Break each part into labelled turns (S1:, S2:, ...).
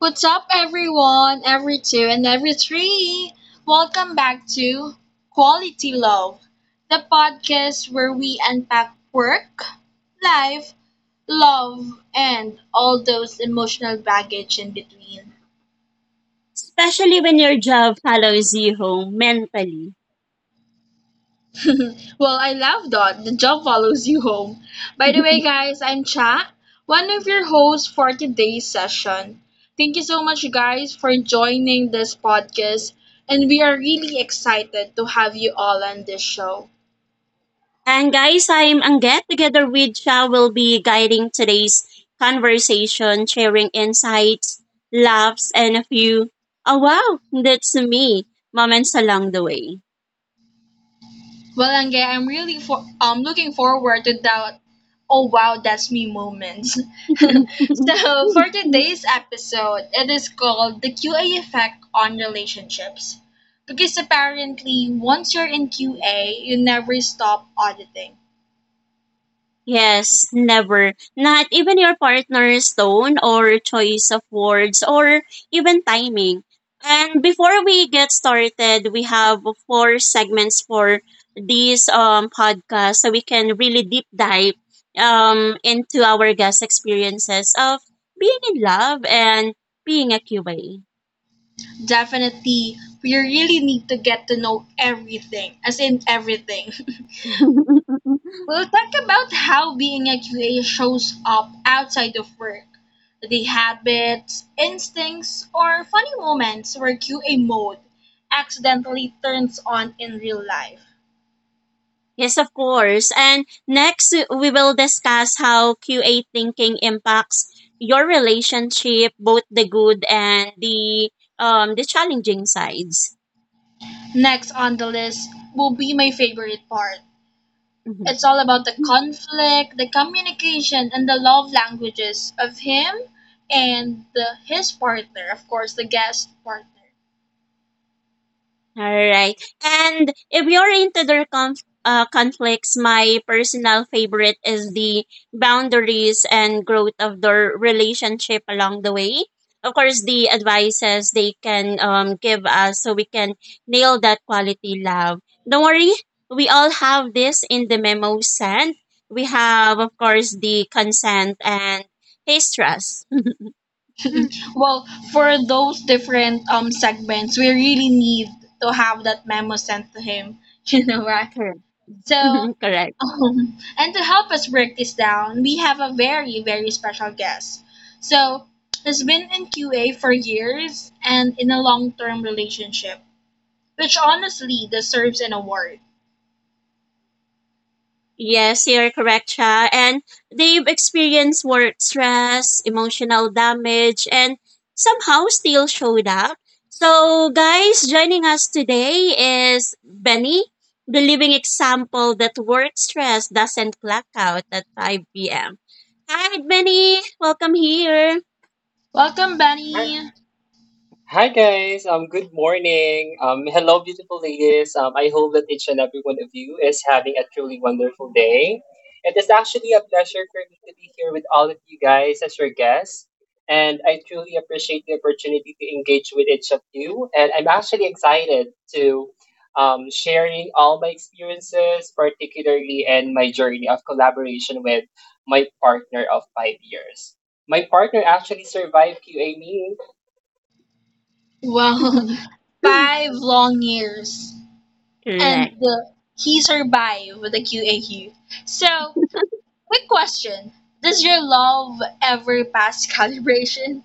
S1: What's up, everyone? Every two and every three. Welcome back to Quality Love, the podcast where we unpack work, life, love, and all those emotional baggage in between.
S2: Especially when your job follows you home mentally.
S1: Well, I love that. The job follows you home. By the way, guys, I'm Cha, one of your hosts for today's session. Thank you so much, guys, for joining this podcast, and we are really excited to have you all on this show.
S2: and guys, I'm Anget. Together with Cha, will be guiding today's conversation, sharing insights, laughs, and a few, oh wow, that's me, moments along the way.
S1: Well, Ange, I'm really for looking forward to that. Oh wow, that's me moments. So for today's episode, it is called the QA effect on relationships. Because apparently, once you're in QA, you never stop auditing.
S2: Yes, never. Not even your partner's tone or choice of words or even timing. And before we get started, we have four segments for this podcast so we can really deep dive into our guest experiences of being in love and being a QA.
S1: Definitely, we really need to get to know everything, as in everything. We'll talk about how being a QA shows up outside of work, the habits, instincts, or funny moments where QA mode accidentally turns on in real life.
S2: Yes, of course. And next, we will discuss how QA thinking impacts your relationship, both the good and the the challenging sides.
S1: Next on the list will be my favorite part. It's
S2: Mhm.
S1: all about the conflict, the communication, and the love languages of him and his partner, of course, the guest partner.
S2: All right. And if you're into their conflicts, my personal favorite is the boundaries and growth of their relationship along the way. Of course, the advices they can give us so we can nail that quality love. Don't worry, we all have this in the memo sent. We have, of course, the consent and his trust.
S1: Well, for those different segments, we really need to have that memo sent to him. You know, right?
S2: Correct.
S1: So,
S2: Correct.
S1: and to help us break this down, we have a very, very special guest. So, he's been in QA for years and in a long term relationship, which honestly deserves an award.
S2: Yes, you're correct, Cha. And they've experienced work stress, emotional damage, and somehow still showed up. So, guys, joining us today is Benny, the living example that work stress doesn't clock out at 5 p.m. Hi, Benny. Welcome here.
S1: Welcome,
S3: Hi,
S1: Benny.
S3: hi, guys. Good morning. Hello, beautiful ladies. I hope that each and every one of you is having a truly wonderful day. It is actually a pleasure for me to be here with all of you guys as your guests, and I truly appreciate the opportunity to engage with each of you. And I'm actually excited to sharing all my experiences, particularly in my journey of collaboration with my partner of 5 years. My partner actually survived QA.
S1: Well, 5 long years, and
S2: Correct.
S1: he survived with the QAQ. So, quick question. Does your love ever pass calibration?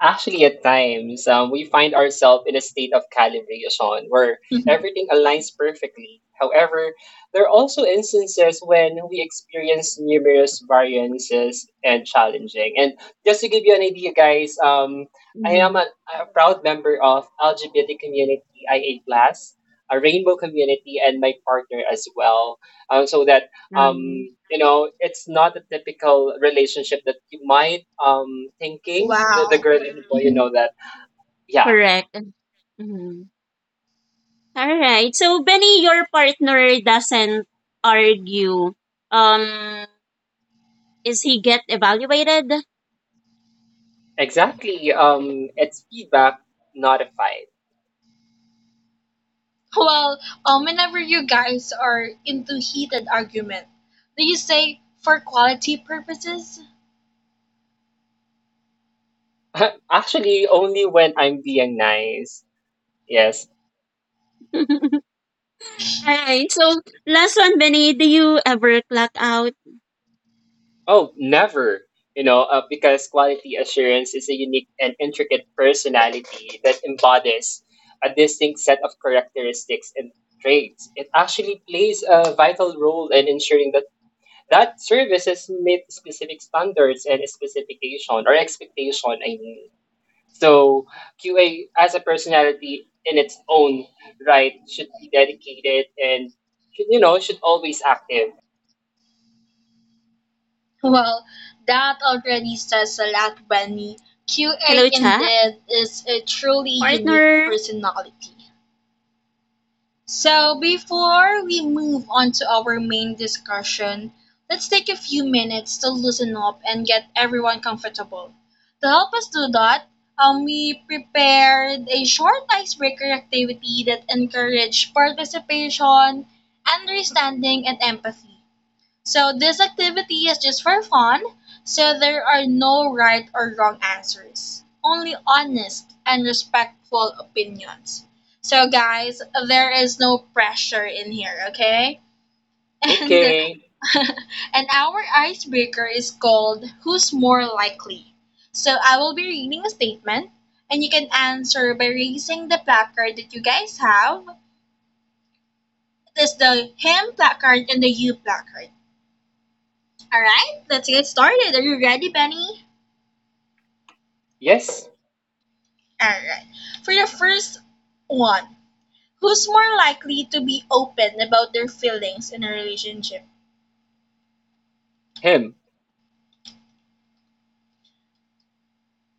S3: Actually, at times, we find ourselves in a state of calibration where
S1: Mhm.
S3: everything aligns perfectly. However, there are also instances when we experience numerous variances and challenging. And just to give you an idea, guys, I am
S2: Mhm.
S3: a proud member of LGBT community IA plus, a rainbow community, and my partner as well. So that um
S2: Um,
S3: you know, it's not a typical relationship that you might thinking, the
S1: Wow.
S3: girl and the boy, you
S1: Mhm.
S3: know. That yeah,
S2: correct. Mhm. All right. So Benny, your partner doesn't argue. Um, is he get evaluated?
S3: exactly. It's feedback, not a fight.
S1: Well, whenever you guys are into heated argument, do you say for quality purposes?
S3: Actually, only when I'm being nice. Yes.
S2: All right. So last one, Benny. Do you ever clock out?
S3: Oh, never, you know. Because quality assurance is a unique and intricate personality that embodies a distinct set of characteristics and traits. It actually plays a vital role in ensuring that services meet specific standards and specification or expectation. I mean, so QA as a personality in its own right should be dedicated and you know, should always active.
S1: Well, that already says a lot, Benny. QA
S2: Hello, chat
S1: indeed is a truly unique
S2: partner.
S1: personality. So, before we move on to our main discussion, let's take a few minutes to loosen up and get everyone comfortable. To help us do that, we prepared a short icebreaker activity that encouraged participation, understanding, and empathy. So this activity is just for fun, so there are no right or wrong answers, only honest and respectful opinions. So guys, there is no pressure in here, okay? And
S3: Okay.
S1: and our icebreaker is called who's more likely. So I will be reading a statement and you can answer by raising the placard that you guys have. It is the him placard and the you placard. All right, let's get started. Are you ready, Benny?
S3: Yes,
S1: All right. For the first one, who's more likely to be open about their feelings in a relationship?
S3: him.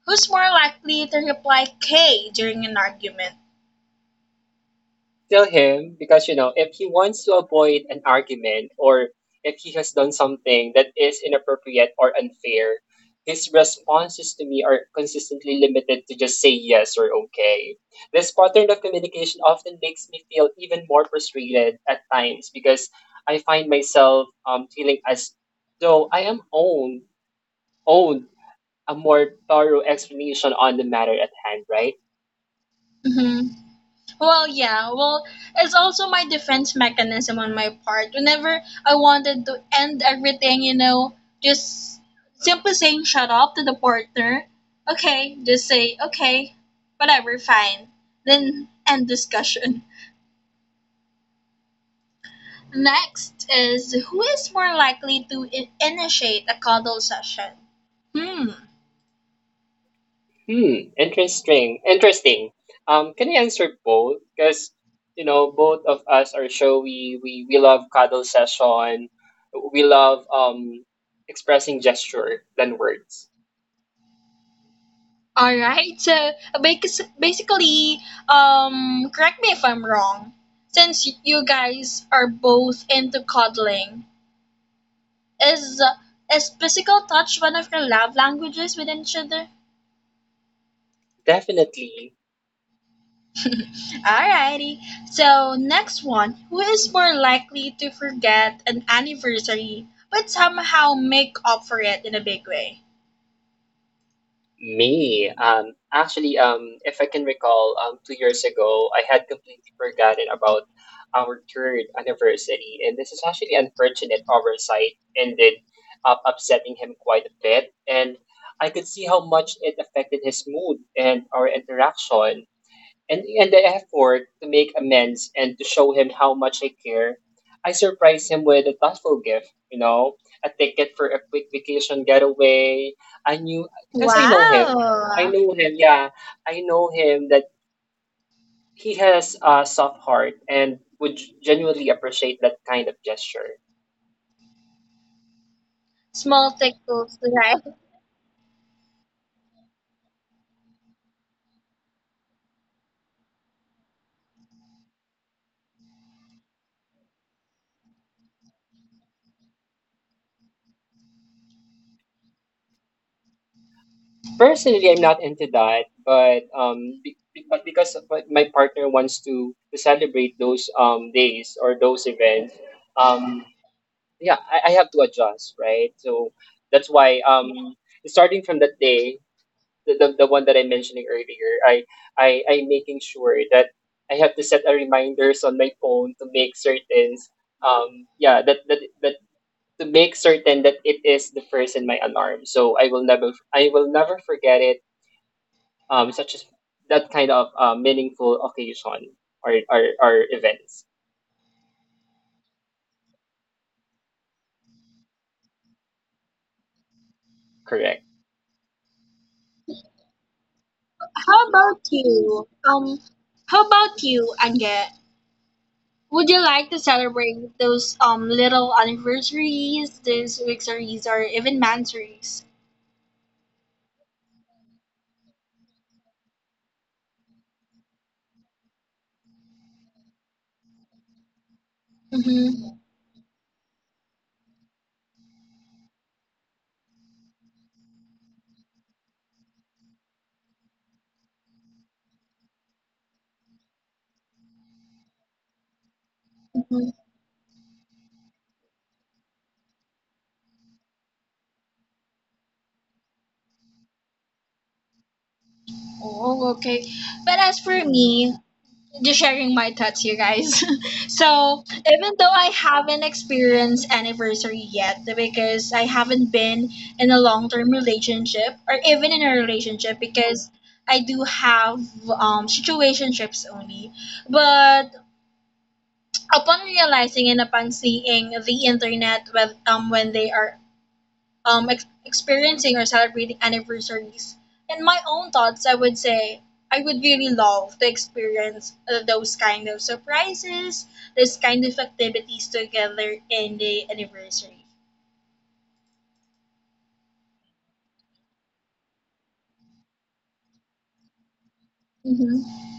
S1: Who's more likely to reply K during an argument?
S3: Tell him, because you know, if he wants to avoid an argument or if he has done something that is inappropriate or unfair, his responses to me are consistently limited to just say yes or okay. This pattern of communication often makes me feel even more frustrated at times, because I find myself feeling as though I am owned a more thorough explanation on the matter at hand, right?
S1: Hmm. Well, yeah, well, it's also my defense mechanism on my part. Whenever I wanted to end everything, you know, just simply saying shut up to the partner. Okay, just say, okay, whatever, fine. Then end discussion. Next is who is more likely to initiate a cuddle session? Hmm.
S3: Hmm, interesting. Interesting. Can I answer both? Because you know, both of us are showy. We love cuddle session. We love expressing gesture than words.
S1: All right. So basically, correct me if I'm wrong. Since you guys are both into cuddling, is is physical touch one of your love languages with each other?
S3: Definitely.
S1: Alrighty. So next one, who is more likely to forget an anniversary but somehow make up for it in a big way?
S3: Me, actually, if I can recall, 2 years ago, I had completely forgotten about our third anniversary, and this is actually unfortunate oversight ended up upsetting him quite a bit, and I could see how much it affected his mood and our interaction, and, the effort to make amends and to show him how much I care, I surprise him with a thoughtful gift, you know, a ticket for a quick vacation getaway. I knew, because I know him. I
S1: Wow.
S3: know him, yeah. I know him that he has a soft heart and would genuinely appreciate that kind of gesture.
S1: Small tickles, right?
S3: Personally, I'm not into that, but but because of my, partner wants to celebrate those days or those events, um, yeah, I have to adjust, right? So that's why starting from that day, the one that I'm mentioning earlier, I'm making sure that I have to set a reminders on my phone to make certain yeah that to make certain that it is the first in my alarm. So I will never forget it. Such as that kind of meaningful occasion or events. Correct.
S1: How about you? Um, how about you, Ange? Would you like to celebrate those little anniversaries, those weeksaries, or even mansaries? Mm-hmm. Oh, okay. But as for me, just sharing my thoughts, you guys. So, even though I haven't experienced anniversary yet, because I haven't been in a long term relationship or even in a relationship, because I do have situationships only. But upon realizing and upon seeing the internet with, when they are experiencing or celebrating anniversaries. In my own thoughts, I would say I would really love to experience those kind of surprises, those kind of activities together in the anniversary. Hmm.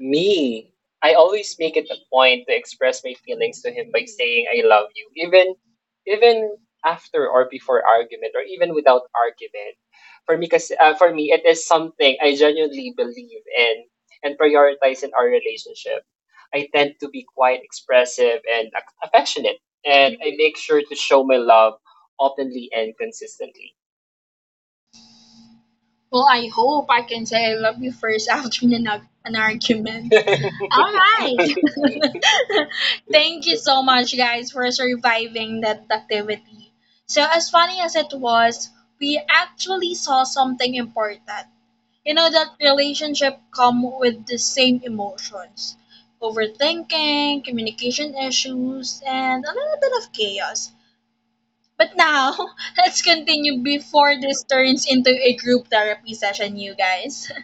S3: Me, I always make it a point to express my feelings to him by saying I love you, even after or before argument, or even without argument. For me, kasi, for me, it is something I genuinely believe in and prioritize in our relationship. I tend to be quite expressive and affectionate, and I make sure to show my love openly and consistently.
S1: Well, I hope I can say I love you first after an argument. All right. Thank you so much, guys, for surviving that activity. So, as funny as it was, we actually saw something important. You know that relationship come with the same emotions. Overthinking, communication issues, and a little bit of chaos. But now, let's continue before this turns into a group therapy session, you guys.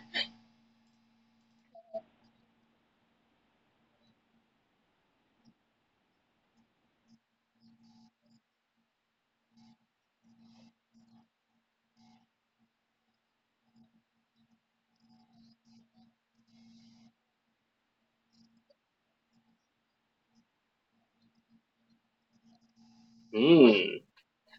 S3: Hmm.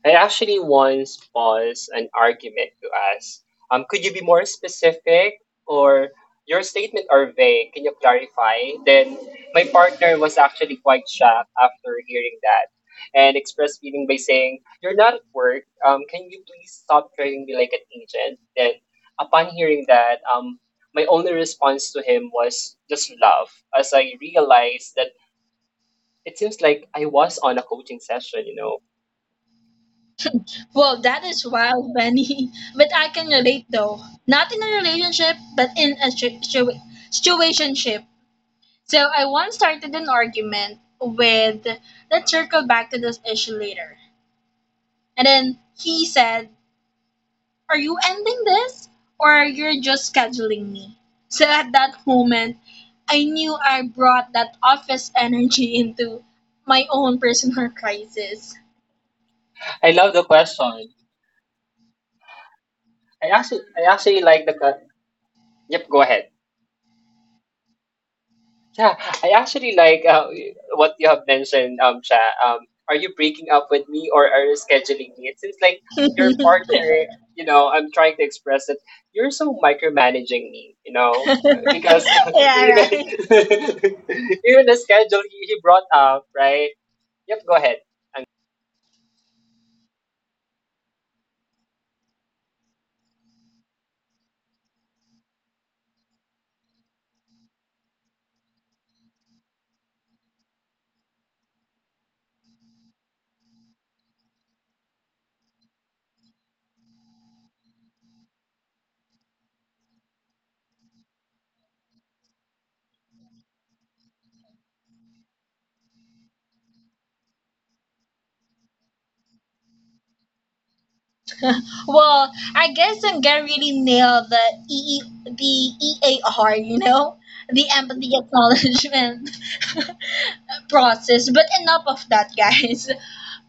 S3: I actually once posed an argument to ask, could you be more specific, or your statement are vague? Can you clarify? Then my partner was actually quite shocked after hearing that and expressed feeling by saying, "You're not at work. Can you please stop treating me like an agent?" Then upon hearing that, my only response to him was just laugh as I realized that it seems like I was on a coaching session, you know.
S1: Well, that is wild, Benny. But I can relate though. Not in a relationship, but in a situationship. So I once started an argument with, let's circle back to this issue later. And then he said, are you ending this? Or you're just scheduling me? So at that moment, I knew I brought that office energy into my own personal crisis.
S3: I love the question. I actually like Yep, go ahead. Yeah, I actually like what you have mentioned, Sha. Are you breaking up with me, or are you scheduling me? It seems like your
S1: Yeah,
S3: partner. You know, I'm trying to express that you're so micromanaging me. You know, because even
S1: right.
S3: even the schedule he brought up, right? Yep, go ahead.
S1: Well, I guess I'm gonna really nail the EAR, you know, the empathy acknowledgement process. But enough of that, guys.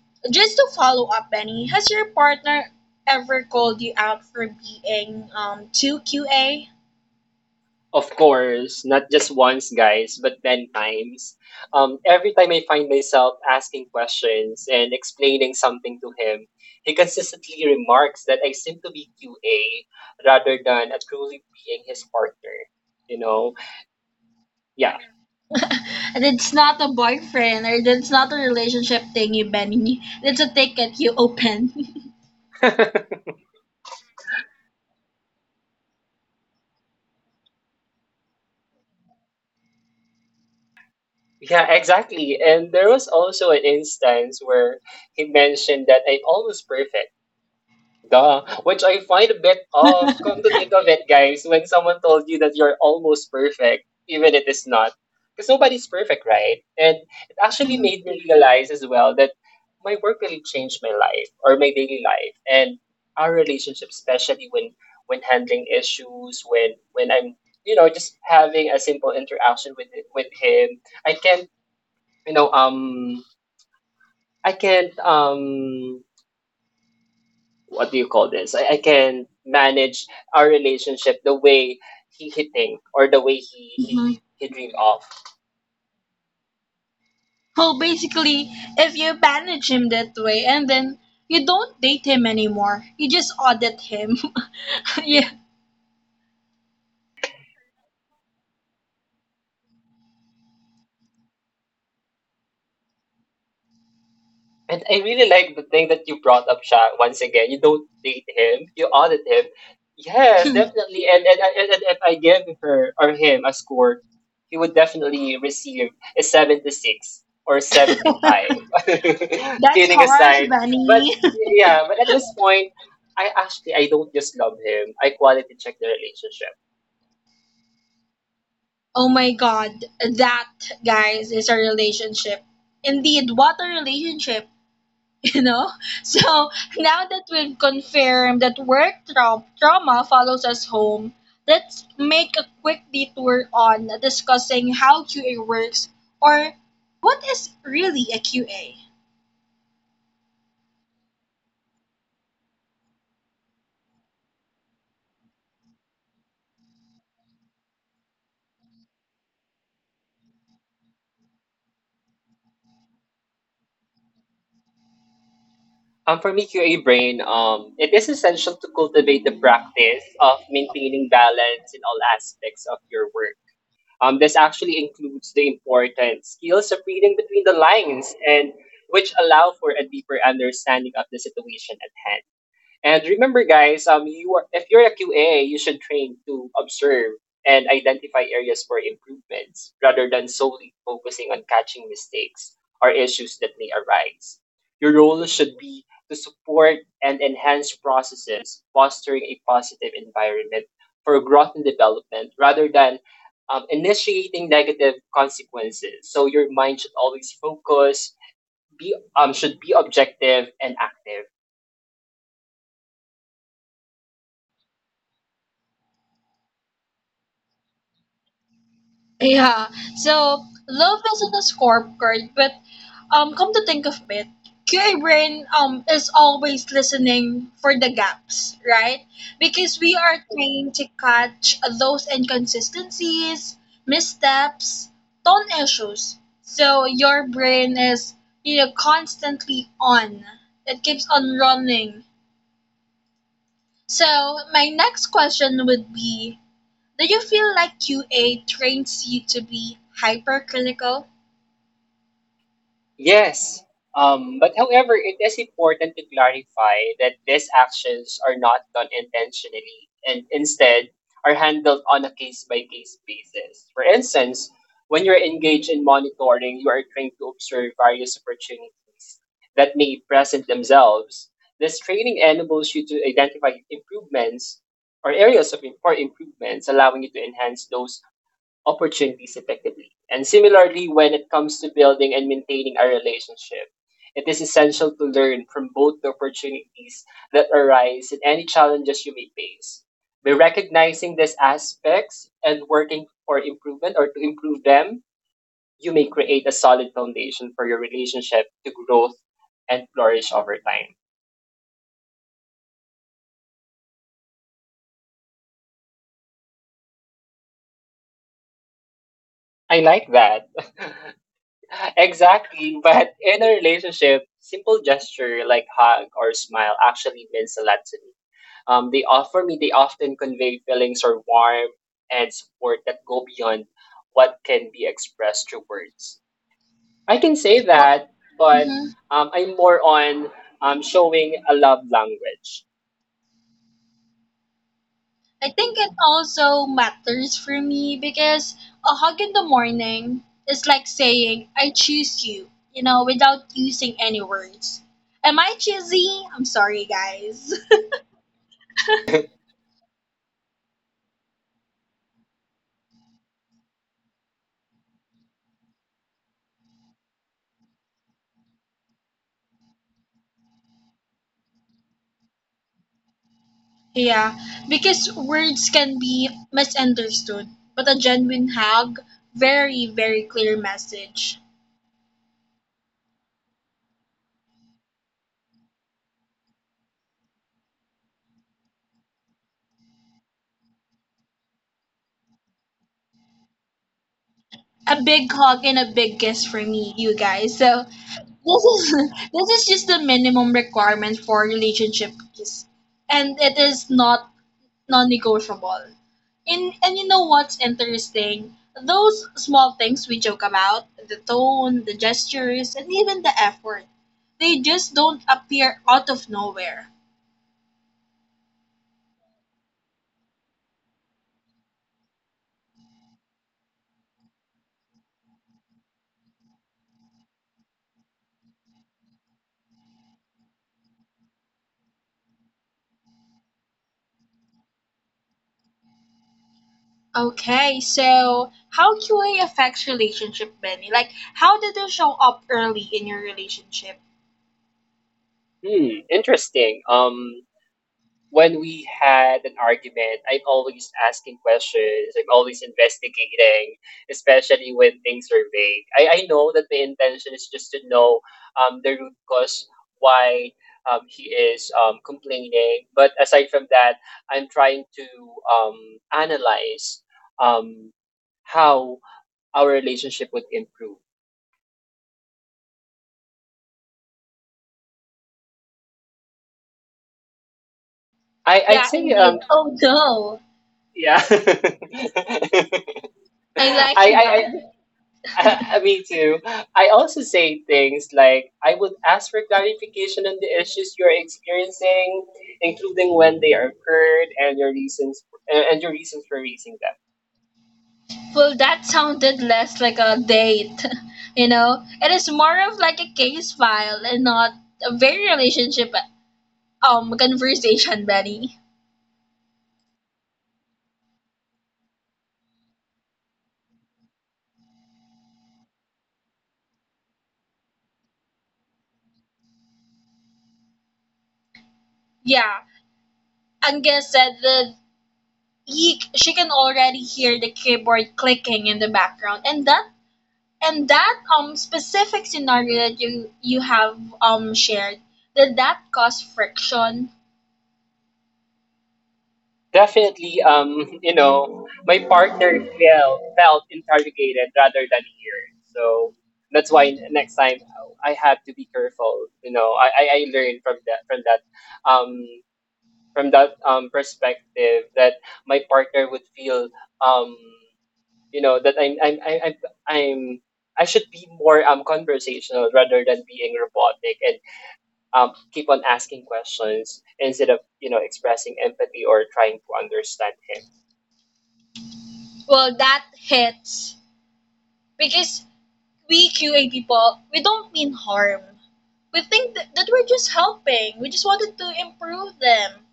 S1: Just to follow up, Benny, has your partner ever called you out for being too QA?
S3: Of course, not just once, guys, but 10 times. Every time I find myself asking questions and explaining something to him, he consistently remarks that I seem to be QA rather than a truly being his partner. You know? Yeah.
S1: That's not a boyfriend or that's not a relationship thing, you Benny. That's a ticket you open.
S3: Yeah, exactly. And there was also an instance where he mentioned that I'm almost perfect. Duh. Which I find a bit off. Come to think of it, guys, when someone told you that you're almost perfect, even it is not. Because nobody's perfect, right? And it actually made me realize as well that my work really changed my life or my daily life and our relationship, especially when handling issues, when I'm, you know, just having a simple interaction with him. I can't, you know, I can't what do you call this? I can manage our relationship the way he think, or the way
S1: Mm-hmm.
S3: he dream of.
S1: Well, basically, if you manage him that way and then you don't date him anymore, you just audit him. Yeah,
S3: And I really like the thing that you brought up, Sha. Once again, you don't date him, you audit him. Yes, definitely. And if I give her or him a score, he would definitely receive a 76 or 75.
S1: that's
S3: Kidding
S1: harsh,
S3: aside, but
S1: Benny.
S3: yeah, but at this point, I don't just love him. I quality check the relationship.
S1: Oh my god, that, guys, is a relationship. Indeed, what a relationship. You know? So now that we've confirmed that work trauma follows us home, let's make a quick detour on discussing how QA works or what is really a QA.
S3: For me, QA brain, it is essential to cultivate the practice of maintaining balance in all aspects of your work. This actually includes the important skills of reading between the lines, and which allow for a deeper understanding of the situation at hand. And remember, guys, you are, if you're a QA, you should train to observe and identify areas for improvements rather than solely focusing on catching mistakes or issues that may arise. Your role should be to support and enhance processes, fostering a positive environment for growth and development rather than initiating negative consequences. So your mind should always focus, be should be objective and active.
S1: Yeah. So love isn't a scorecard, but come to think of it, QA brain is always listening for the gaps, right? Because we are trained to catch those inconsistencies, missteps, tone issues. So your brain is you know constantly on. It keeps on running. So my next question would be do you feel like QA trains you to be hypercritical?
S3: Yes. But however, it is important to clarify that these actions are not done intentionally, and instead are handled on a case by case basis. For instance, when you're engaged in monitoring, you are trained to observe various opportunities that may present themselves. This training enables you to identify improvements or areas of for improvements, allowing you to enhance those opportunities effectively. And similarly, when it comes to building and maintaining a relationship, it is essential to learn from both the opportunities that arise and any challenges you may face. By recognizing these aspects and working for improvement or to improve them, you may create a solid foundation for your relationship to growth and flourish over time. I like that. Exactly, but in a relationship, simple gesture like hug or smile actually means a lot to me. They offer me, they often convey feelings or warmth and support that go beyond what can be expressed through words. I can say
S1: Well,
S3: that, but
S1: mhm.
S3: I'm more on showing a love language.
S1: I think it also matters for me because a hug in the morning is like saying, I choose you, you know, without using any words. Am I cheesy? I'm sorry, guys. Yeah, because words can be misunderstood, but a genuine hug, very, very clear message. A big hug and a big kiss for me, you guys. So this is this is just the minimum requirement for relationship is and it is not non-negotiable. In and you know what's interesting? Those small things we joke about, the tone, the gestures, and even the effort. They just don't appear out of nowhere. Okay, so how QA affects relationship, Benny? Like, how did it show up early in your relationship?
S3: Hmm, interesting. When we had an argument, I'm always asking questions. I'm always investigating, especially when things are vague. I know that the intention is just to know the root cause why he is complaining. But aside from that, I'm trying to analyze um, how our relationship would improve. I'd
S1: Yeah,
S3: say,
S1: indeed. Oh no,
S3: yeah.
S1: I
S3: I,
S1: like
S3: I,
S1: that.
S3: Me too. I also say things like, I would ask for clarification on the issues you're experiencing, including when they are occurred and your reasons and your reasons for raising them.
S1: Well, that sounded less like a date, you know? It is more of like a case file and not a very relationship conversation, Benny. Yeah, Angus said that she can already hear the keyboard clicking in the background, and that specific scenario that you have shared did that cause friction?
S3: Definitely, you know, my partner felt interrogated rather than heard. So that's why next time I have to be careful. You know, I learned from that um from that perspective that my partner would feel, um you know, that I'm I should be more conversational rather than being robotic and keep on asking questions instead of, you know, expressing empathy or trying to understand him.
S1: Well, that hits because we QA people, we don't mean harm. We think that we're just helping. We just wanted to improve them.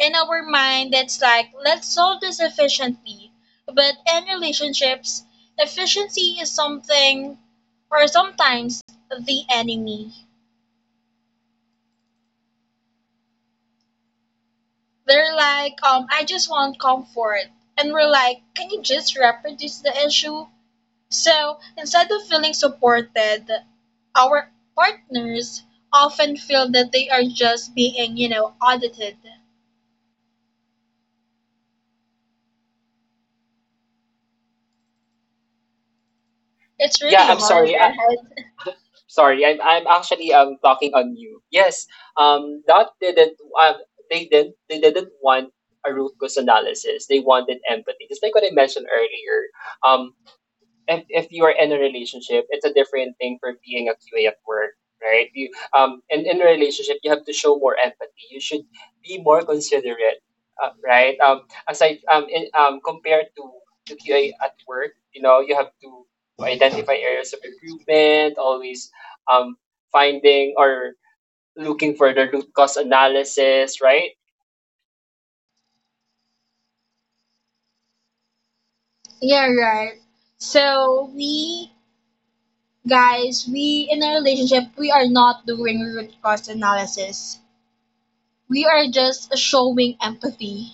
S1: In our mind, it's like, let's solve this efficiently. But in relationships, efficiency is something, or sometimes the enemy. They're like, I just want comfort. And we're like, can you just reproduce the issue? So, instead of feeling supported, our partners often feel that they are just being, you know, audited. It's
S3: Yeah,
S1: really
S3: I'm
S1: hard,
S3: sorry.
S1: right?
S3: I'm actually talking on you. Yes, that didn't they didn't want a root cause analysis. They wanted empathy, just like what I mentioned earlier. Um, if you are in a relationship, it's a different thing for being a QA at work, right? You and in a relationship, you have to show more empathy. You should be more considerate, right? Compared to QA at work, you know, you have to identify areas of improvement, always um finding or looking for the root cause analysis, right?
S1: Yeah, right. So, we guys, we in a relationship, we are not doing root cause analysis. We are just showing empathy.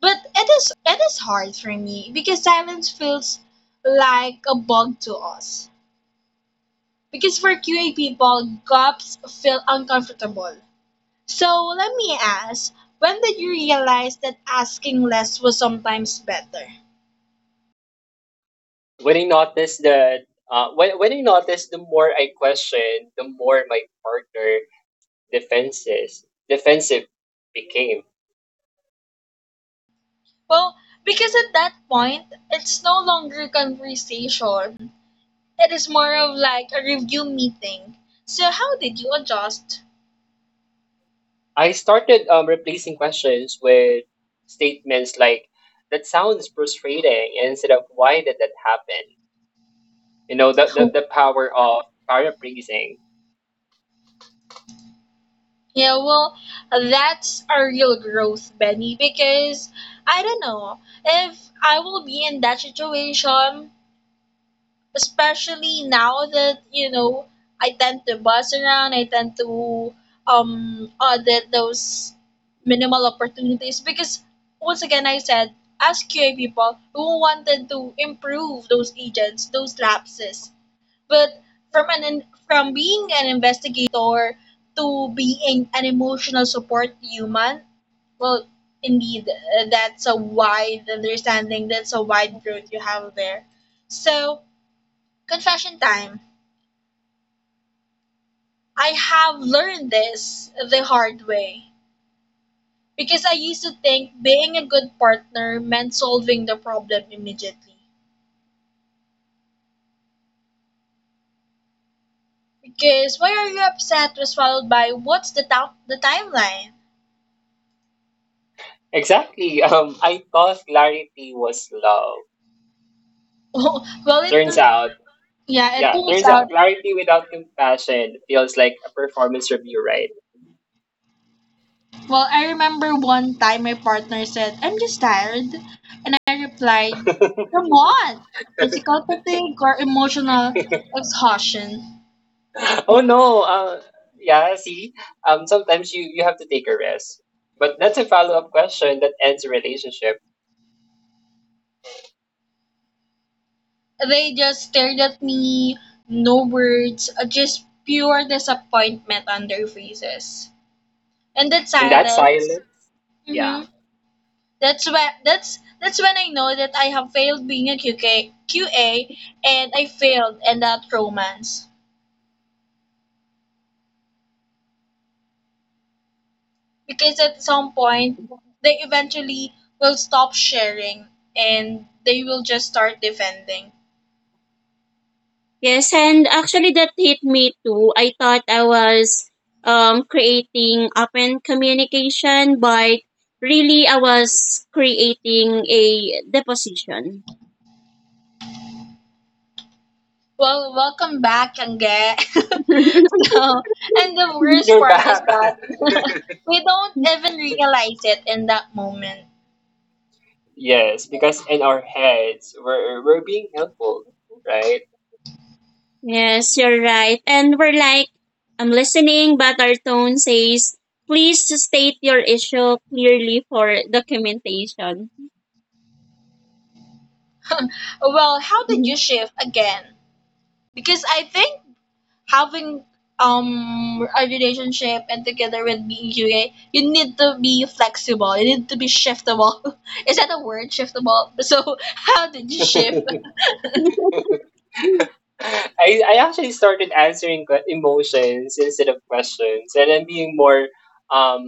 S1: But it is hard for me because silence feels like a bug to us. Because for QA people, gaps feel uncomfortable. So let me ask, when did you realize that asking less was sometimes better?
S3: When I notice that when I notice, the more I question, the more my partner defenses defensive became.
S1: Well, because at that point, it's no longer conversation. It is more of like a review meeting. So how did you adjust?
S3: I started replacing questions with statements like, "That sounds frustrating," instead of, "Why did that happen?" You know, the, the,
S1: Oh,
S3: the power of paraphrasing.
S1: yeah, well, that's a real growth, Benny, because I don't know if I will be in that situation especially now that you know I tend to buzz around, I tend to audit those minimal opportunities because once again I said as QA people who wanted to improve those agents, those lapses. But from an from being an investigator to being an emotional support human, well, indeed, that's a wide understanding. That's a wide growth you have there. So confession time. I have learned this the hard way because I used to think being a good partner meant solving the problem immediately. Because why are you upset was followed by what's the timeline?
S3: Exactly. I thought clarity was love.
S1: Well, it
S3: Turns out,
S1: yeah, it
S3: yeah,
S1: turns
S3: turns
S1: out.
S3: out clarity without compassion feels like a performance review, right?
S1: Well, I remember one time my partner said, "I'm just tired," and I replied, "From what? Physical fatigue or emotional exhaustion?"
S3: Oh no. Yeah, see, sometimes you have to take a risk, but that's a follow-up question that ends a relationship,
S1: They just stared at me, no words, just pure disappointment on their faces. And that
S3: and that
S1: silence,
S3: silence. Yeah,
S1: hmm that's when I know that I have failed being a QK, QA, and I failed in that romance. Because at some point they eventually will stop sharing and they will just start defending.
S2: Yes, and actually that hit me too. I thought I was creating open communication, but really I was creating a deposition.
S1: Well, welcome back, Angge. Oh, and the worst
S3: you're
S1: part is
S3: back.
S1: that we don't even realize it in that moment.
S3: Yes, because in our heads, we're being helpful, right?
S2: Yes, you're right. And we're like, I'm listening, but our tone says, please state your issue clearly for documentation.
S1: Well, how did you shift again? Because I think having a relationship and together with being QA, you need to be flexible. You need to be shiftable. Is that a word, shiftable? So how did you shift?
S3: I actually started answering emotions instead of questions, and then being more um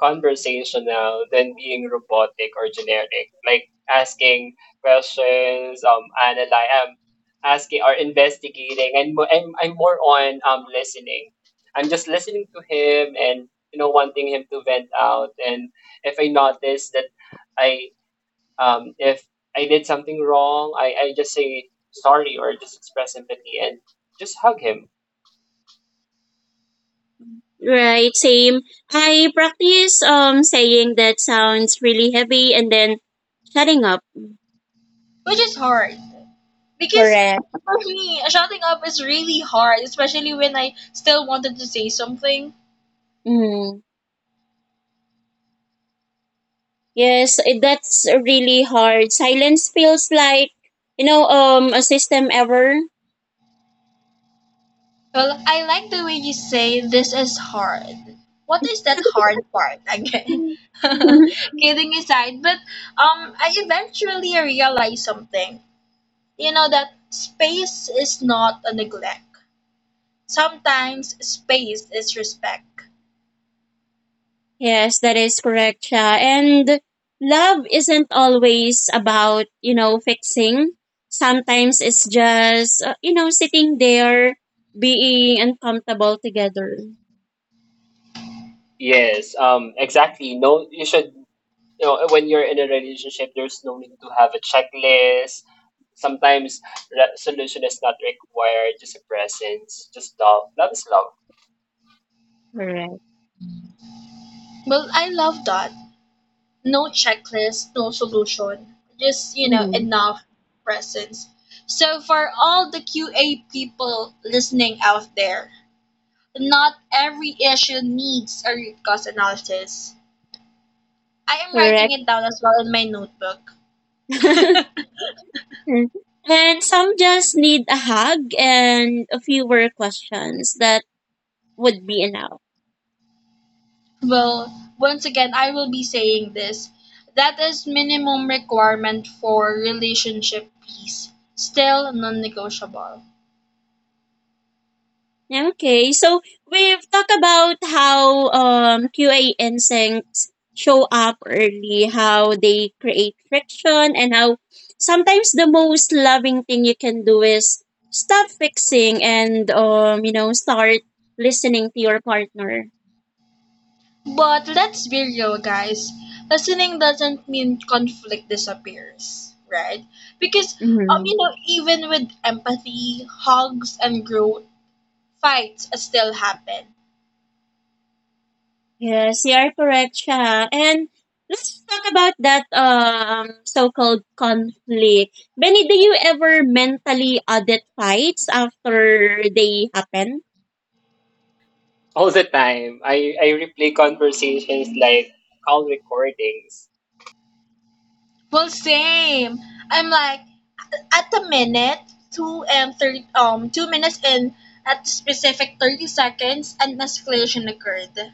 S3: conversational than being robotic or generic, like asking questions, analyze asking or investigating. And I'm more on listening. I'm just listening to him, and, you know, wanting him to vent out. And if I notice that I if I did something wrong, I just say sorry, or just express empathy and just hug him.
S2: Right, same. I practice saying that sounds really heavy and then shutting up.
S1: Which is hard because
S2: Correct.
S1: for me, shutting up is really hard, especially when I still wanted to say something.
S2: Mm. Yes, that's really hard. Silence feels like, a system error.
S1: Well, I like the way you say this is hard. What is that hard part again? Kidding aside, but I eventually realized something. You know that space is not a neglect. Sometimes space is respect.
S2: yes, that is correct, Sha. And love isn't always about, fixing. Sometimes it's just, sitting there being uncomfortable together.
S3: Yes, exactly. No, you should, you know, when you're in a relationship, there's no need to have a checklist. Sometimes solution is not required, just a presence, just love. Love is love.
S2: Correct.
S1: Well, I love that. No checklist, no solution. Just, you know,
S2: Mm.
S1: enough presence. So for all the QA people listening out there, not every issue needs a root cause analysis. I am writing
S2: Correct.
S1: it down as well in my notebook.
S2: Mm. and some just need a hug and a fewer questions. That would be enough.
S1: Well, once again, I will be saying this. That is minimum requirement for relationship peace. Still non-negotiable.
S2: Yeah, okay, so we've talked about how QA instincts show up early, how they create friction, and how sometimes the most loving thing you can do is stop fixing and start listening to your partner.
S1: But let's be real, guys. Listening doesn't mean conflict disappears, right? Because even with empathy, hugs, and growth, fights still happen.
S2: Yes, you are correct, Shah. And let's talk about that so-called conflict. Benny, do you ever mentally audit fights after they happen?
S3: All the time. I replay conversations like call recordings.
S1: Well, same. I'm like at the minute 2:30 2 minutes in at the specific 30 seconds an escalation occurred.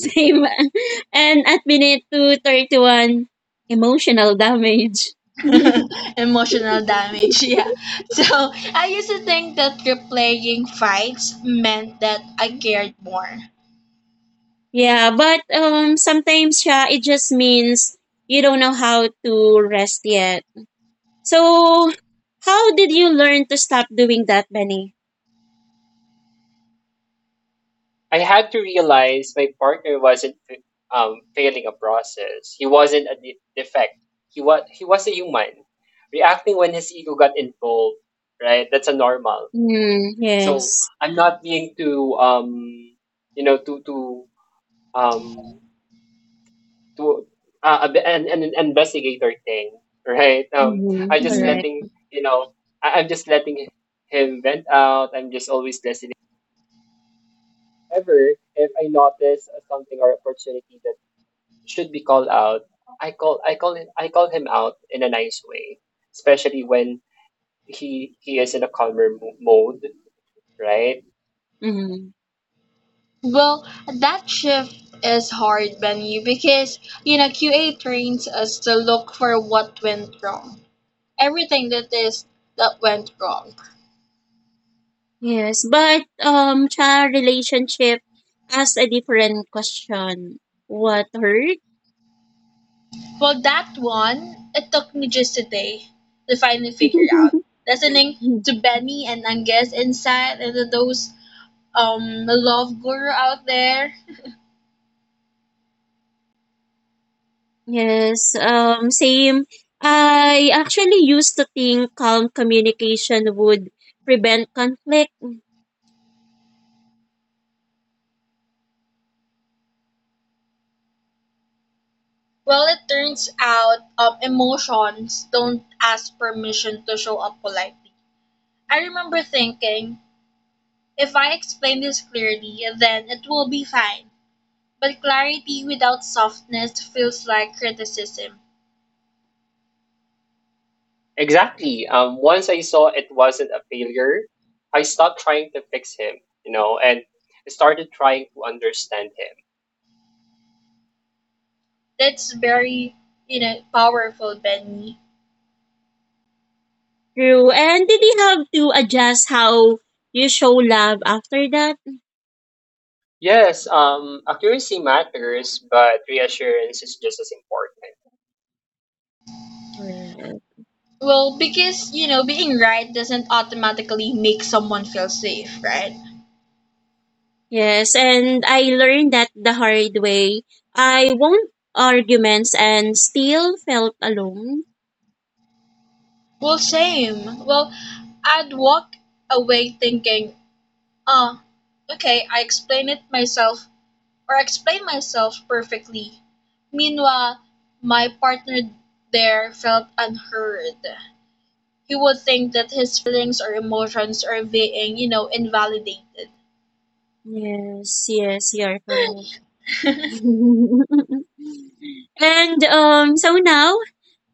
S2: Same. And at minute 231, emotional damage.
S1: Emotional damage, yeah. So I used to think that replaying fights meant that I cared more.
S2: Yeah, but sometimes siya it just means you don't know how to rest yet. So how did you learn to stop doing that, Benny?
S3: I had to realize my partner wasn't, failing a process. He wasn't a defect. He was, he was a human, reacting when his ego got involved. Right, that's a normal.
S2: Mm,
S3: So
S2: yes.
S3: I'm not being too you know too too um too a an investigator thing. Right.
S2: Mm-hmm,
S3: I'm just
S1: hmm
S2: correct.
S3: letting you know. I, I'm just letting him vent out. I'm just always listening. However, if I notice, something or opportunity that should be called out, I call, I call him, I call him out in a nice way, especially when he is in a calmer mode, right?
S2: Mm-hmm.
S1: Well, that shift is hard, Benny, because you know QA trains us to look for what went wrong, everything that is that went wrong.
S2: Yes, but child relationship asked a different question. What hurt?
S1: For that one, it took me just a day to finally figure out. Listening to Benny and Angus insight into those love guru out there.
S2: Yes, same. I actually used to think calm communication would prevent conflict.
S1: Well, it turns out emotions don't ask permission to show up politely. I remember thinking, if I explain this clearly, then it will be fine. But clarity without softness feels like criticism.
S3: Exactly. Once I saw it wasn't a failure, I stopped trying to fix him, you know, and started trying to understand him.
S1: That's very, you know, powerful, Benny.
S2: True. And did you have to adjust how you show love after that?
S3: Yes, accuracy matters, but reassurance is just as important.
S2: Correct.
S1: Well, because, you know, being right doesn't automatically make someone feel safe, right?
S2: Yes, and I learned that the hard way. I won arguments and still felt alone.
S1: Well, same. Well, I'd walk away thinking, oh, okay, I explained it myself or I explained myself perfectly. Meanwhile, my partner there felt unheard. He would think that his feelings or emotions are being, you know, invalidated.
S2: Yes, yes, you're correct. and so now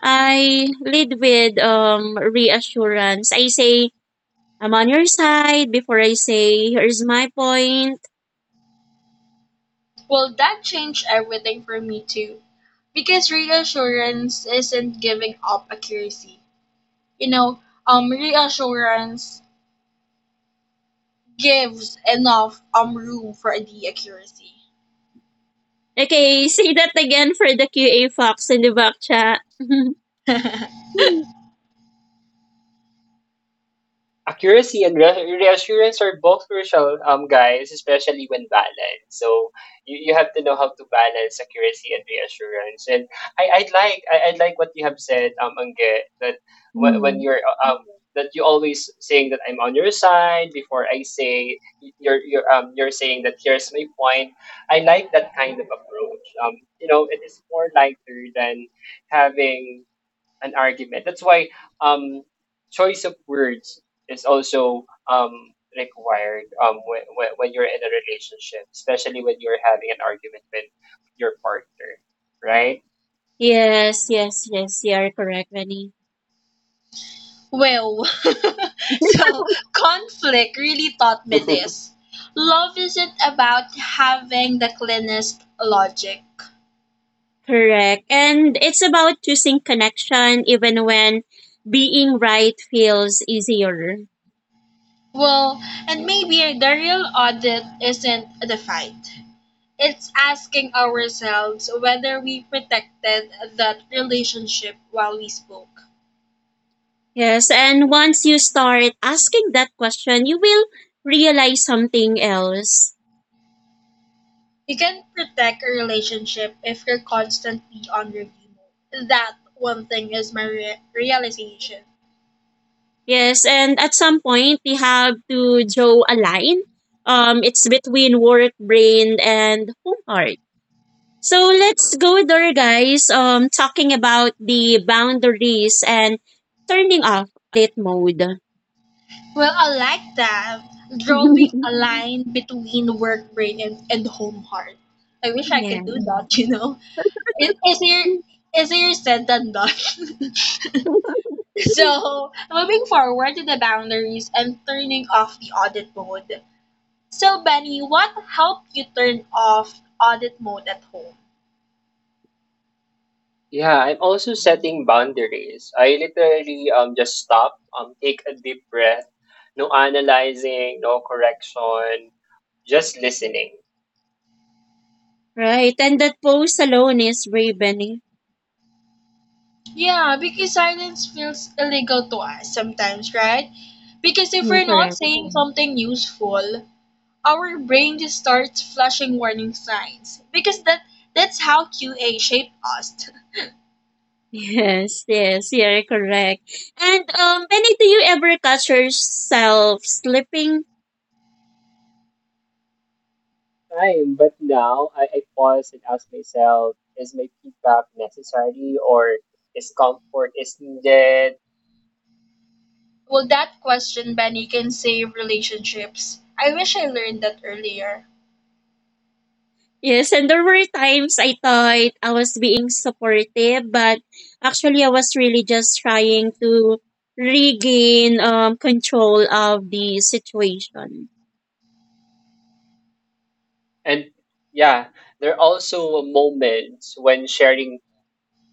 S2: I lead with reassurance. I say, I'm on your side before I say, here's my point.
S1: Well, that changed everything for me too. Because reassurance isn't giving up accuracy. You know, reassurance gives enough room for the accuracy.
S2: Okay, say that again for the QA Fox in the back chat.
S3: Accuracy and reassurance are both crucial, um, guys, especially when balanced. So you have to know how to balance accuracy and reassurance. And I, I'd like what you have said, um, Angge, that when
S2: Mhm.
S3: you're that you always saying that I'm on your side before I say you're, um, you're saying that here's my point. I like that kind of approach. Um, you know, it is more lighter than having an argument. That's why, um, choice of words is also, required, when you're in a relationship, especially when you're having an argument with your partner, right?
S2: yes, yes, yes, you are correct, Benny.
S1: Well, so conflict really taught me this. Love isn't about having the cleanest logic.
S2: Correct. And it's about choosing connection even when being right feels easier.
S1: Well, and maybe the real audit isn't the fight. It's asking ourselves whether we protected that relationship while we spoke.
S2: Yes, and once you start asking that question, you will realize something else.
S1: You can protect a relationship if you're constantly on review mode. That one thing is my realization.
S2: Yes, and at some point we have to draw a line. It's between work brain and home heart. So let's go there, guys. Talking about the boundaries and turning off edit mode.
S1: Well, I like that. Drawing a line between work brain and, home heart. I wish I
S2: yeah.
S1: could do that, you know? It is easier, easier said than done. So, moving forward to the boundaries and turning off the audit mode. So Benny, what helped you turn off audit mode at home?
S3: Yeah, I'm also setting boundaries. I literally just stop, um, take a deep breath, no analyzing, no correction, just listening.
S2: Right, and that post alone is Raven.
S1: Yeah, because silence feels illegal to us sometimes, right? Because if we're not
S2: Correct.
S1: saying something useful, our brain just starts flashing warning signs. Because that's how QA shaped us.
S2: Yes, yes, you're correct. And Penny, do you ever catch yourself slipping?
S3: Time, but now I pause and ask myself, is my feedback necessary or is comfort is needed?
S1: Well, that question, Benny, can save relationships. I wish I learned that earlier.
S2: Yes, and there were times I thought I was being supportive, but actually I was really just trying to regain control of the situation.
S3: And yeah, there are also moments when sharing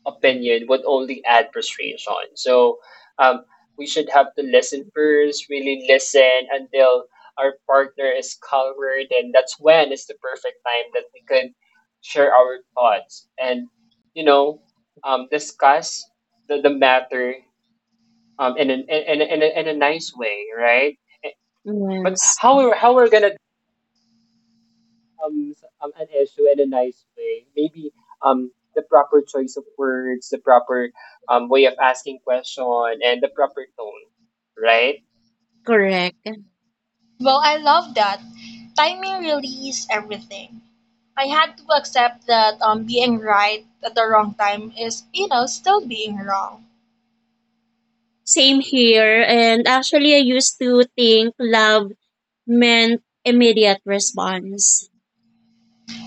S3: opinion would only add frustration. So, um, we should have to listen first, really listen, until our partner is covered, and that's when it's the perfect time that we can share our thoughts and, you know, discuss the matter, in, an, in, a, nice way, right? But
S2: Yes,
S3: how we're gonna, an issue in a nice way? Maybe, um, the proper choice of words, the proper, um, way of asking question, and the proper tone, right?
S2: correct.
S1: Well, I love that. Timing really is everything. I had to accept that being right at the wrong time is, you know, still being wrong.
S2: Same here. And actually, I used to think love meant immediate response.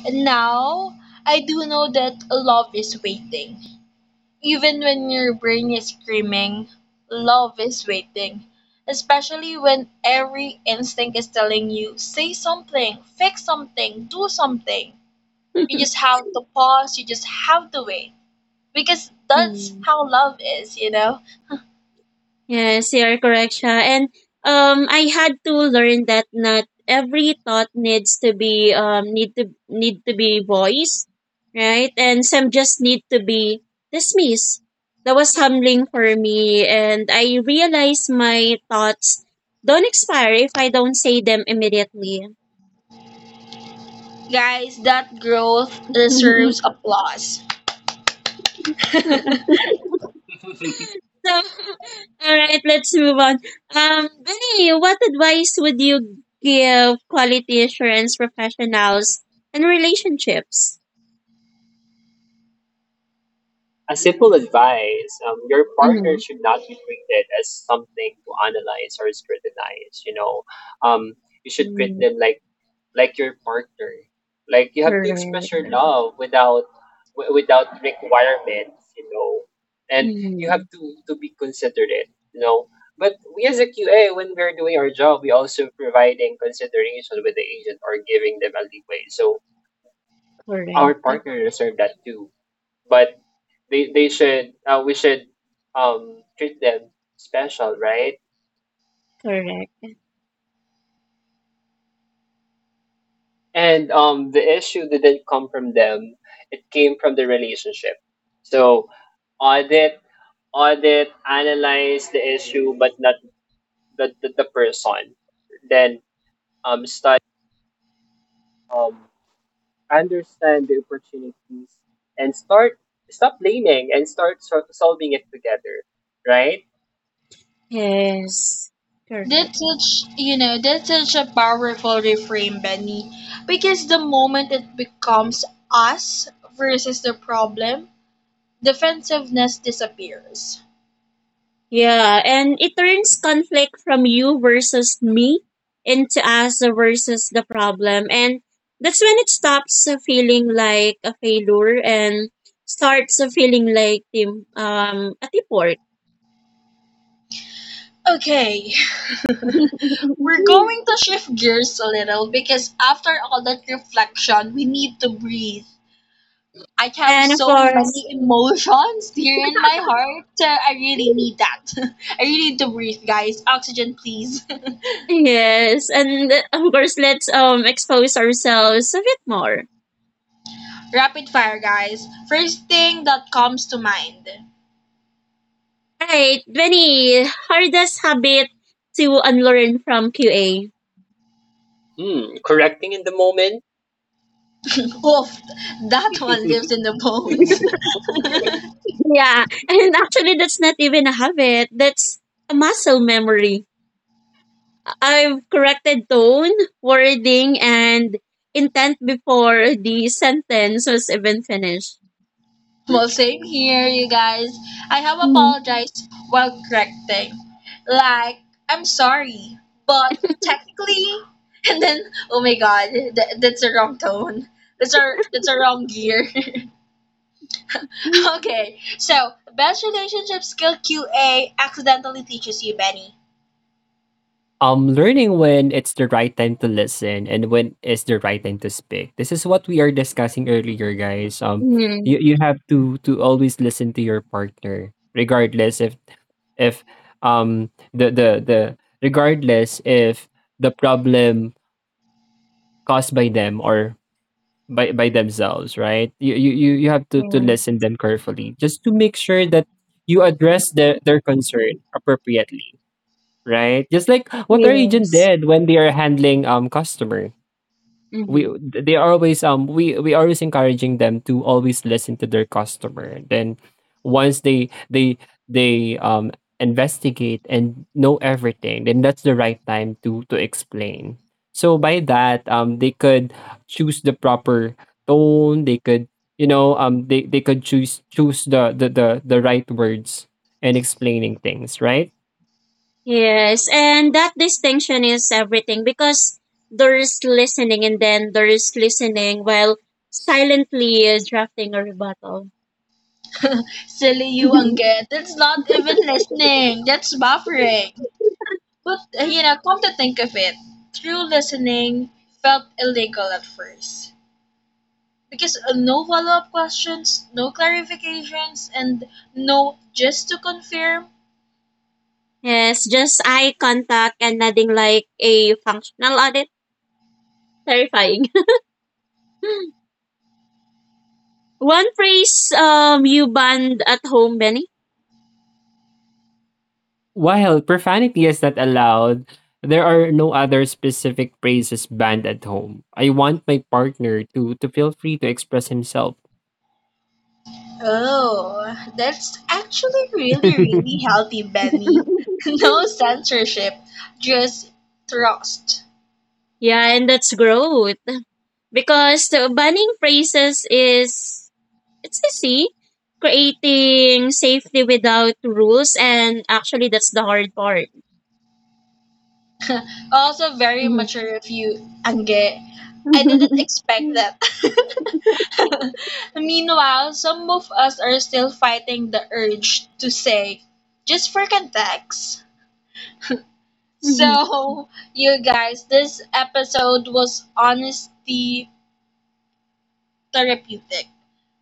S1: And now I do know that love is waiting. Even when your brain is screaming, love is waiting. Especially when every instinct is telling you, say something, fix something, do something. You just have to pause, you just have to wait. Because that's
S2: Hmm.
S1: how love is, you know?
S2: Yes, you are correct, Sha. And I had to learn that not every thought needs to be need to need to be voiced, right? And some just need to be dismissed. That was humbling for me, and I realized my thoughts don't expire if I don't say them immediately.
S1: Guys, that growth deserves applause.
S2: So, all right, let's move on. Benny, what advice would you give quality assurance professionals and relationships?
S3: A simple advice: your partner
S2: Mm-hmm.
S3: should not be treated as something to analyze or scrutinize. You know, um, you should treat
S2: mm
S3: them like your partner. Like, you have to
S2: Correct.
S3: express your love without without requirements, you know. And you have
S2: Mm-hmm.
S3: to be considerate, you know. But we as a QA, when we're doing our job, we also providing consideration with the agent or giving them a leeway. So our
S2: Correct.
S3: partner deserve that too. But they should, we should, um, treat them special, right?
S2: Correct.
S3: And, the issue didn't come from them; it came from the relationship. So audit, audit, analyze the issue, but not the, person. Then, start, um, understand the opportunities and start stop blaming and start solving it together. Right?
S2: Yes. Correct.
S1: That's such, you know, that's such a powerful reframe, Benny. Because the moment it becomes us versus the problem, defensiveness disappears.
S2: Yeah, and it turns conflict from you versus me into us versus the problem. And that's when it stops feeling like a failure and starts feeling like a teamwork.
S1: Okay, we're going to shift gears a little because after all that reflection, we need to breathe. I have
S2: and of
S1: so
S2: course,
S1: many emotions here in my heart. I really need that. I really need to breathe, guys. Oxygen, please.
S2: yes, and of course, let's expose ourselves a bit more.
S1: Rapid fire, guys. First thing that comes to mind.
S2: All right, Benny, hardest habit to unlearn from QA.
S3: Hmm. Correcting in the moment.
S1: Oof, that one lives in the bones.
S2: Yeah, and actually, that's not even a habit. That's a muscle memory. I've corrected tone, wording, and intent before the sentence was even finished.
S1: Well, same here, you guys. I have
S2: Mhm.
S1: apologized while correcting. Like, I'm sorry, but technically, and then, oh my god, that's a wrong tone. That's a wrong gear. Okay, so best relationship skill QA accidentally teaches you, Benny.
S3: Um, learning when it's the right time to listen and when is the right time to speak. This is what we are discussing earlier, guys. Um,
S2: Mhm.
S3: you have to always listen to your partner, regardless if the the regardless if the problem caused by them or by themselves, right? You have to listen
S2: Yes.
S3: them carefully, just to make sure that you address their concern appropriately, right? Just like what our agent
S2: Yes.
S3: did when they are handling, um, customer. We
S2: Mhm.
S3: they are always, we always encouraging them to always listen to their customer. Then once they investigate and know everything, then that's the right time to explain. So by that, um, they could choose the proper tone. They could, you know, um, they could choose the the right words and explaining things right.
S2: Yes, and that distinction is everything because there's listening and then there's listening while silently drafting a rebuttal.
S1: Silly you, Angge. That's not even listening. That's buffering. But, you know, come to think of it, true listening felt illegal at first. Because no follow up questions, no clarifications, and no just to confirm.
S2: Yes, just eye contact and nodding like a functional audit. Terrifying. One phrase you banned at home, Benny.
S3: While profanity is not allowed, there are no other specific phrases banned at home. I want my partner to feel free to express himself.
S1: Oh, that's actually really, really healthy, Benny. No censorship, just trust.
S2: yeah, and that's growth. Because the banning phrases is it's easy. Creating safety without rules and actually that's the hard part.
S1: Also, very mature of you, Angge. I didn't
S2: Mhm.
S1: expect that. Meanwhile, some of us are still fighting the urge to say, just for context. So, you guys, this episode was honesty therapeutic.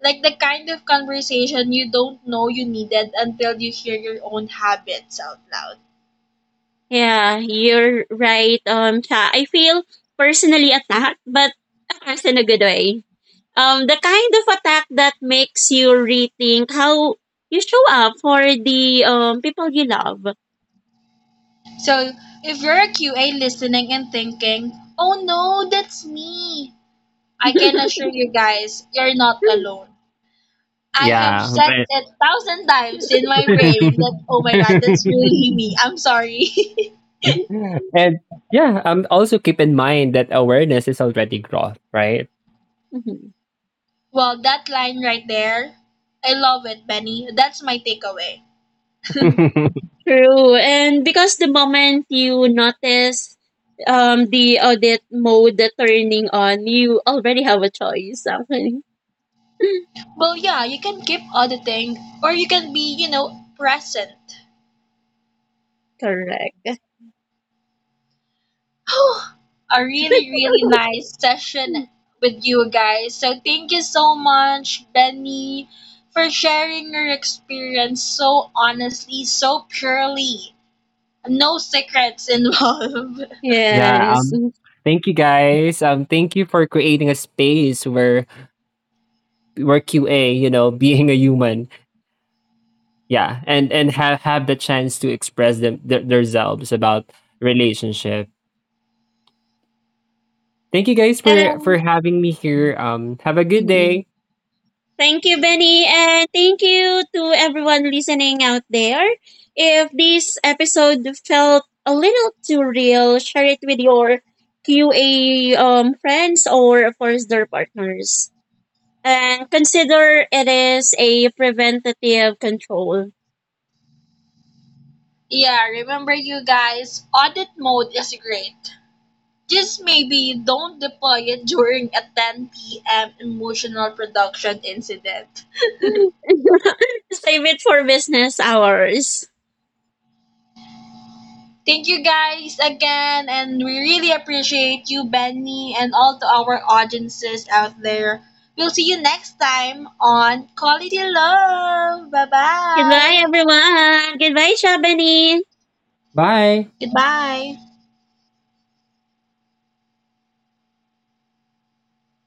S1: Like the kind of conversation you don't know you needed until you hear your own habits out loud.
S2: Yeah, you're right. Cha. I feel personally attacked, but attacked in a good way. The kind of attack that makes you rethink how you show up for the people you love.
S1: So, if you're a QA listening and thinking, oh no, that's me, I can assure you guys, you're not alone. I have
S3: Yeah,
S1: said
S3: but
S1: that thousand times in my brain that, oh my god, that's really me. I'm sorry.
S3: and yeah, um, also keep in mind that awareness is already growth, right?
S1: Well, that line right there, I love it, Benny. That's my takeaway.
S2: True, and because the moment you notice the audit mode turning on, you already have a choice. Actually,
S1: Well, yeah, you can keep auditing or you can be, you know, present.
S2: correct.
S1: A really, really nice session with you guys. So, thank you so much, Benny, for sharing your experience so honestly, so purely. No secrets involved.
S3: Yeah,
S2: yes,
S3: um, thank you guys. Um, thank you for creating a space where QA, you know, being a human, yeah, and and have the chance to express themselves about relationship. Thank you guys for
S2: and.
S3: having me here. Um, have a good
S2: Mm-hmm.
S3: day.
S2: Thank you, Benny, and thank you to everyone listening out there. If this episode felt a little too real, share it with your QA friends or, of course, their partners. And consider it is a preventative control.
S1: Yeah, remember you guys, audit mode is great. Just maybe don't deploy it during a 10 p.m. emotional production incident.
S2: Save it for business hours.
S1: Thank you guys again, and we really appreciate you, Benny, and all to our audiences out there. We'll see you next time on Quality Love. Bye
S2: Goodbye,
S1: bye.
S2: everyone. Goodbye, Shabani.
S3: Bye.
S1: Goodbye.